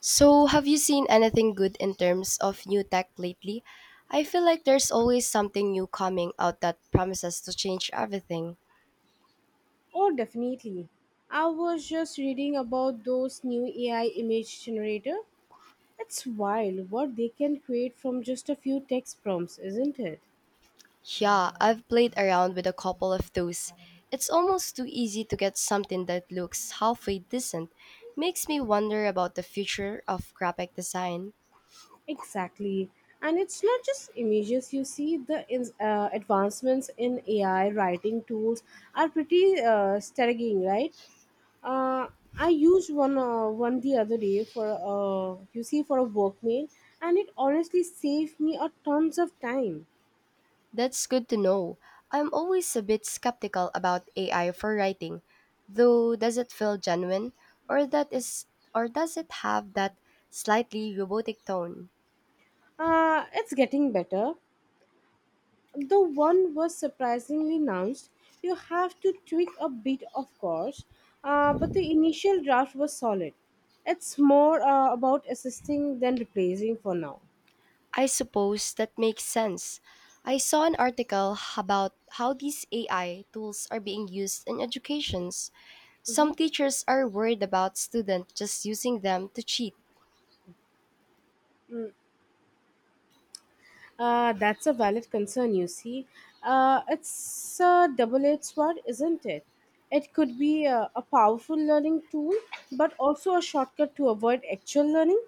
So, have you seen anything good in terms of new tech lately? I feel like there's always something new coming out that promises to change everything. Oh, definitely. I was just reading about those new AI image generator. It's wild what they can create from just a few text prompts, isn't it? Yeah, I've played around with a couple of those. It's almost too easy to get something that looks halfway decent. Makes me wonder about the future of graphic design. Exactly. And it's not just images. Advancements in AI writing tools are pretty staggering, right? Uh, I used one the other day for for a work mail, and it honestly saved me a tons of time. That's good to know. I'm always a bit skeptical about AI for writing, though does it feel genuine or that is or does it have that slightly robotic tone? It's getting better. The one was surprisingly announced. You have to tweak a bit, of course, but the initial draft was solid. It's more about assisting than replacing for now. I suppose that makes sense. I saw an article about how these AI tools are being used in educations. Some Mhm. teachers are worried about students just using them to cheat. That's a valid concern, It's a double edged sword, isn't it? It could be a powerful learning tool, but also a shortcut to avoid actual learning.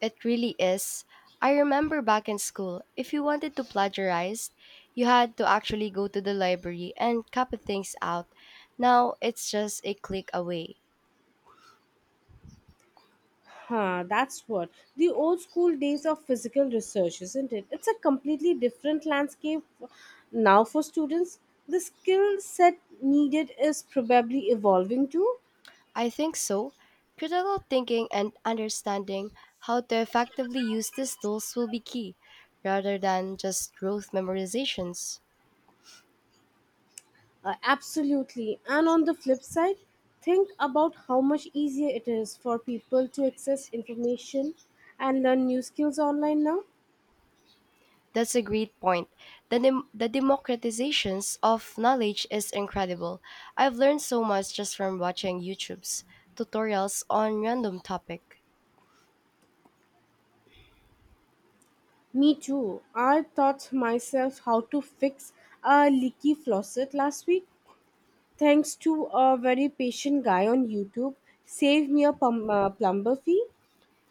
It really is. I remember back in school, if you wanted to plagiarize, you had to actually go to the library and copy things out. Now it's just a click away. Huh, that's what. The old school days of physical research, isn't it? It's a completely different landscape now for students. The skill set needed is probably evolving too. I think so. Critical thinking and understanding how to effectively use these tools will be key, rather than just rote memorizations. Absolutely. And on the flip side, think about how much easier it is for people to access information and learn new skills online now. That's a great point. The democratizations of knowledge is incredible. I've learned so much just from watching YouTube's tutorials on random topic. Me too. I taught myself how to fix a leaky faucet last week, thanks to a very patient guy on YouTube, saved me a plumber fee.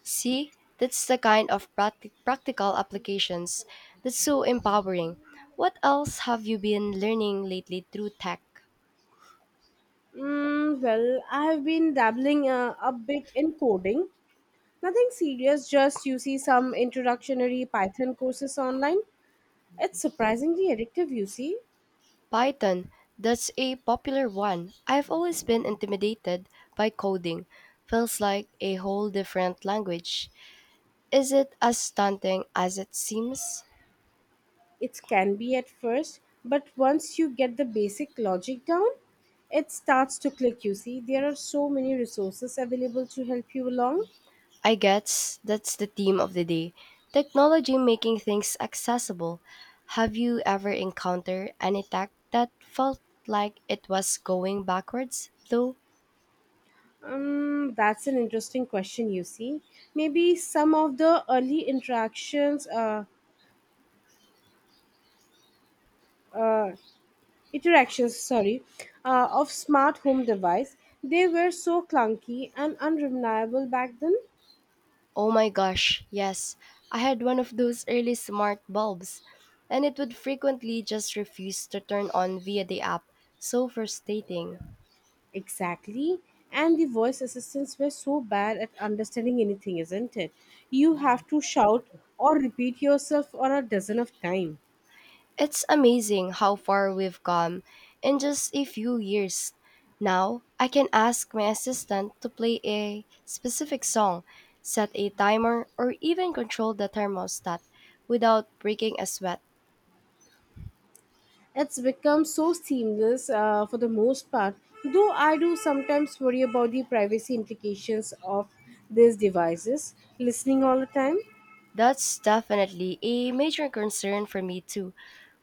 See, that's the kind of practical applications that's so empowering. What else have you been learning lately through tech? Mm, well, I have been dabbling a bit in coding. Nothing serious, just some introductionary Python courses online. It's surprisingly addictive, Python, that's a popular one. I've always been intimidated by coding. Feels like a whole different language. Is it as stunting as it seems? It can be at first, but once you get the basic logic down, it starts to click, There are so many resources available to help you along. I guess that's the theme of the day, technology making things accessible. Have you ever encountered any tech that felt like it was going backwards, though? That's an interesting question, Maybe some of the early uh, interactions, sorry, of smart home device, they were so clunky and unreliable back then. Oh my gosh, yes. I had one of those early smart bulbs, and it would frequently just refuse to turn on via the app. So frustrating. Exactly. And the voice assistants were so bad at understanding anything, isn't it? You have to shout or repeat yourself for a dozen of times. It's amazing how far we've come in just a few years. Now, I can ask my assistant to play a specific song, set a timer, or even control the thermostat without breaking a sweat. It's become so seamless for the most part, though I do sometimes worry about the privacy implications of these devices listening all the time. That's definitely a major concern for me too.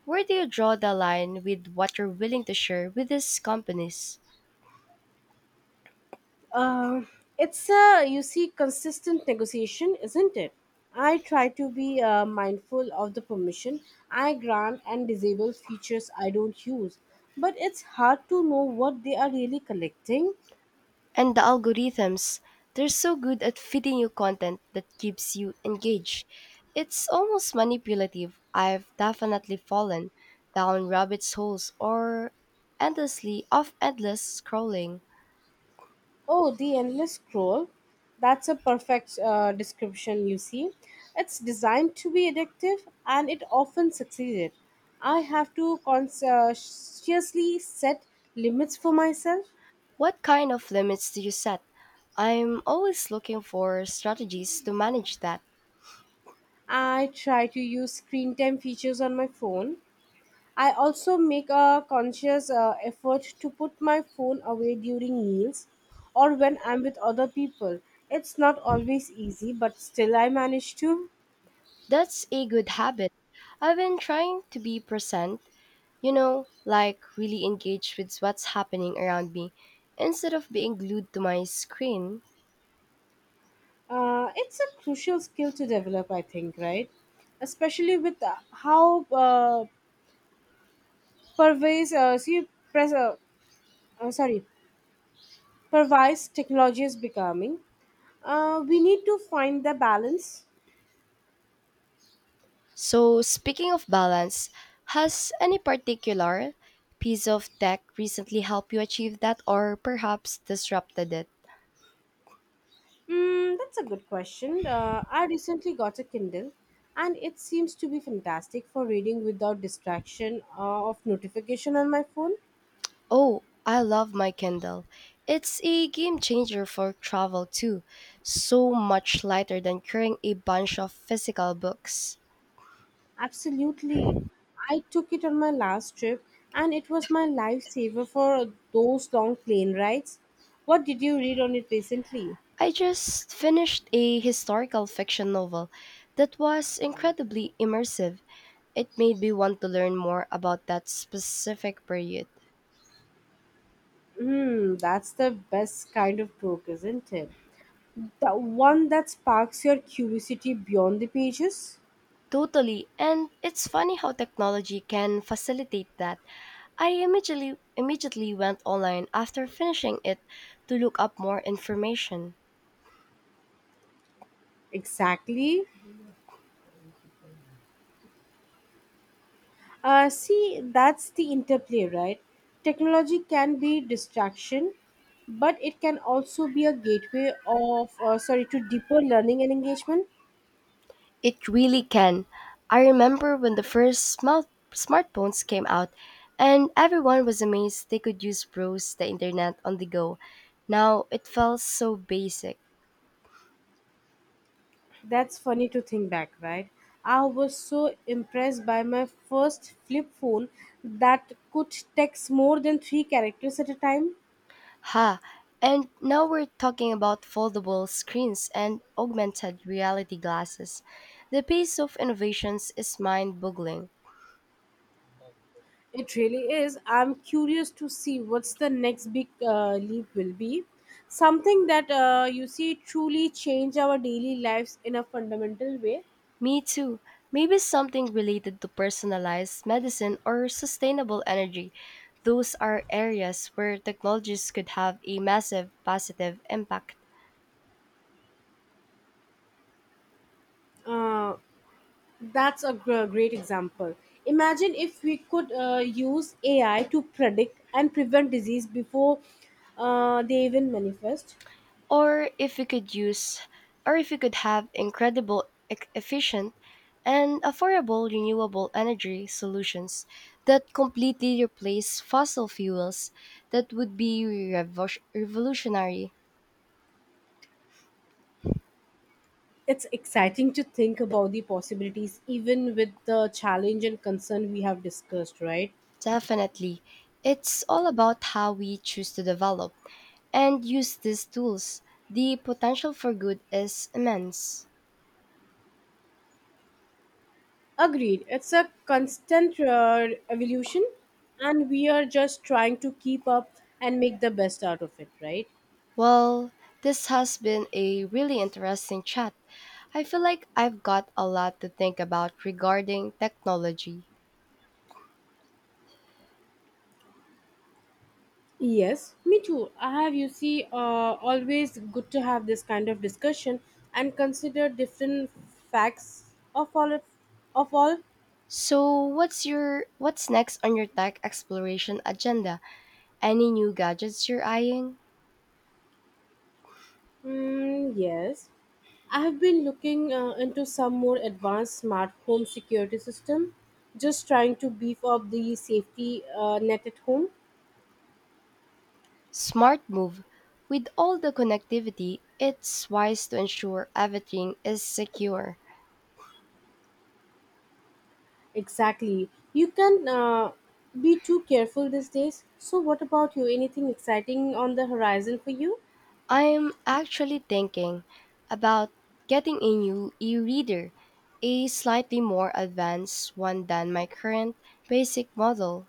Where do you draw the line with what you're willing to share with these companies? Uh, it's a consistent negotiation, isn't it? I try to be mindful of the permission I grant and disable features I don't use, but it's hard to know what they are really collecting. And the algorithms, they're so good at feeding you content that keeps you engaged. It's almost manipulative. I've definitely fallen down rabbit holes or endlessly off endless scrolling. Oh, the endless scroll. That's a perfect description, It's designed to be addictive and it often succeeded. I have to consciously set limits for myself. What kind of limits do you set? I'm always looking for strategies to manage that. I try to use screen time features on my phone. I also make a conscious effort to put my phone away during meals or when I'm with other people. It's not always easy, but still I manage to. That's a good habit. I've been trying to be present, like really engaged with what's happening around me instead of being glued to my screen. It's a crucial skill to develop, I think, right? Especially with how pervasive, see, pres- sorry, pervasive technology is becoming. We need to find the balance. So, speaking of balance, has any particular piece of tech recently helped you achieve that or perhaps disrupted it? Mm, that's a good question. I recently got a Kindle, and it seems to be fantastic for reading without distraction of notification on my phone. Oh, I love my Kindle. It's a game changer for travel too. So much lighter than carrying a bunch of physical books. Absolutely. I took it on my last trip and it was my lifesaver for those long plane rides. What did you read on it recently? I just finished a historical fiction novel that was incredibly immersive. It made me want to learn more about that specific period. Hmm, that's the best kind of book, isn't it? The one that sparks your curiosity beyond the pages? Totally. And it's funny how technology can facilitate that. I immediately went online after finishing it to look up more information. Exactly. That's the interplay, right? Technology can be distraction, but it can also be a gateway to deeper learning and engagement. It really can. I remember when the first smartphones came out and everyone was amazed they could use browse the internet on the go. Now it felt so basic. That's funny to think back, right? I was so impressed by my first flip phone that could text more than three characters at a time. Ha! And now we're talking about foldable screens and augmented reality glasses. The pace of innovations is mind boggling. It really is. I'm curious to see what's the next big leap will be. Something that truly change our daily lives in a fundamental way. Me too. Maybe something related to personalized medicine or sustainable energy. Those are areas where technologies could have a massive positive impact. Uh, That's a great example. Imagine if we could use AI to predict and prevent disease before they even manifest. or if we could use or if we could have incredible efficient and affordable renewable energy solutions that completely replace fossil fuels, that would be revolutionary. It's exciting to think about the possibilities, even with the challenge and concern we have discussed, right? Definitely, it's all about how we choose to develop and use these tools. The potential for good is immense. Agreed. It's a constant evolution, and we are just trying to keep up and make the best out of it, right? Well, this has been a really interesting chat. I feel like I've got a lot to think about regarding technology. Yes, me too. I have, you see, Always good to have this kind of discussion and consider different facts of all. Of all, So, what's next on your tech exploration agenda? Any new gadgets you're eyeing? mm, yes, I have been looking into some more advanced smart home security system. Just trying to beef up the safety net at home. Smart move. With all the connectivity, it's wise to ensure everything is secure. Exactly. You can be too careful these days. So, what about you? Anything exciting on the horizon for you? I'm actually thinking about getting a new e reader, a slightly more advanced one than my current basic model.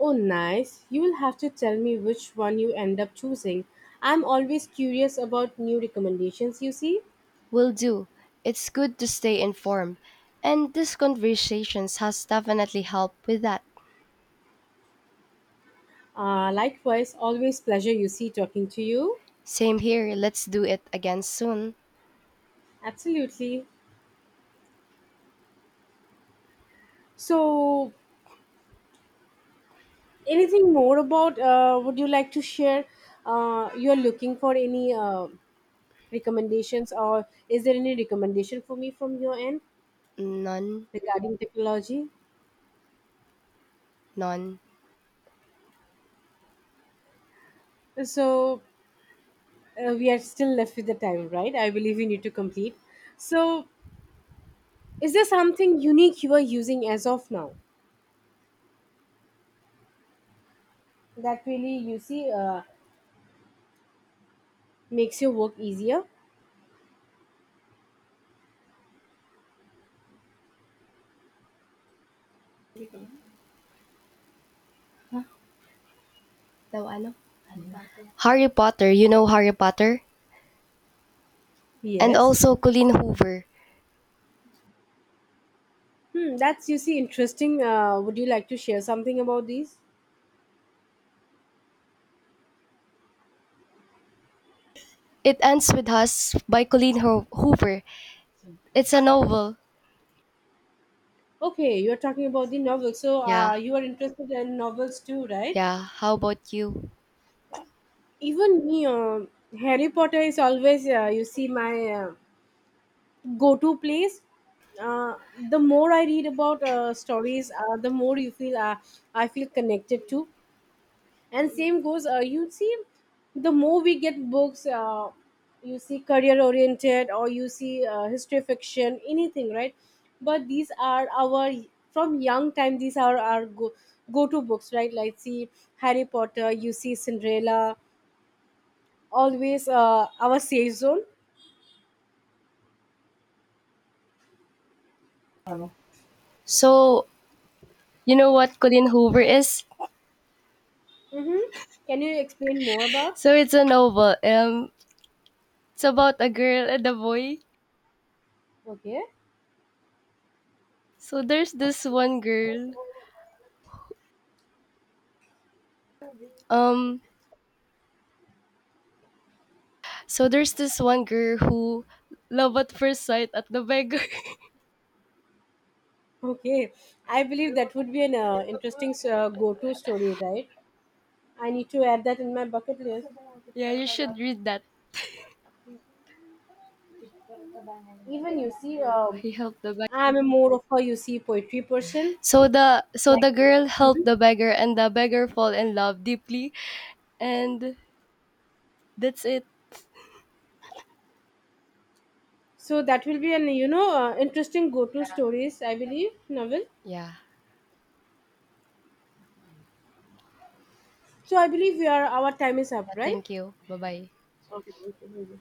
Oh, nice. You'll have to tell me which one you end up choosing. I'm always curious about new recommendations, Will do. It's good to stay informed, and this conversations has definitely helped with that. Likewise, always pleasure, talking to you. Same here, let's do it again soon. Absolutely. So, anything more about would you like to share? You're looking for any recommendations, or is there any recommendation for me from your end Non, regarding technology? non. So, we are still left with the time, right? I believe we need to complete. So, is there something unique you are using as of now that really makes your work easier? No, ano? Harry Potter, you know Harry Potter? And Yes. also Colleen Hoover. Hmm, that's interesting. Would you like to share something about these? It ends with us by Hoover. It's a novel. Okay, you're talking about the novel, so Yeah, you are interested in novels too, right? yeah. How about you? Even me, Harry Potter is always my go-to place. Uh, the more I read about stories, the more you feel I feel connected to. And same goes the more we get books, career oriented or history fiction, anything, right? But these are our, from young time, these are our go go-to books, right? Like, see, Harry Potter, Cinderella, always our safe zone. So, you know what Colleen Hoover is? Mm-hmm. Can you explain more about? So it's a novel. It's about a girl and a boy. Okay, So there's this one girl. Um, so there's this one girl who love at first sight at the beggar. okay, I believe that would be an interesting go-to story, right? I need to add that in my bucket list. yeah, you should read that. Even, He helped the beggar. I'm a more of a poetry person. So Like, the girl helped the beggar and the beggar fall in love deeply and that's it. so that will be an, interesting go-to stories, I believe, novel. Yeah. So I believe we are, our time is Yeah, up, right? thank you. Bye bye. Okay, thank you.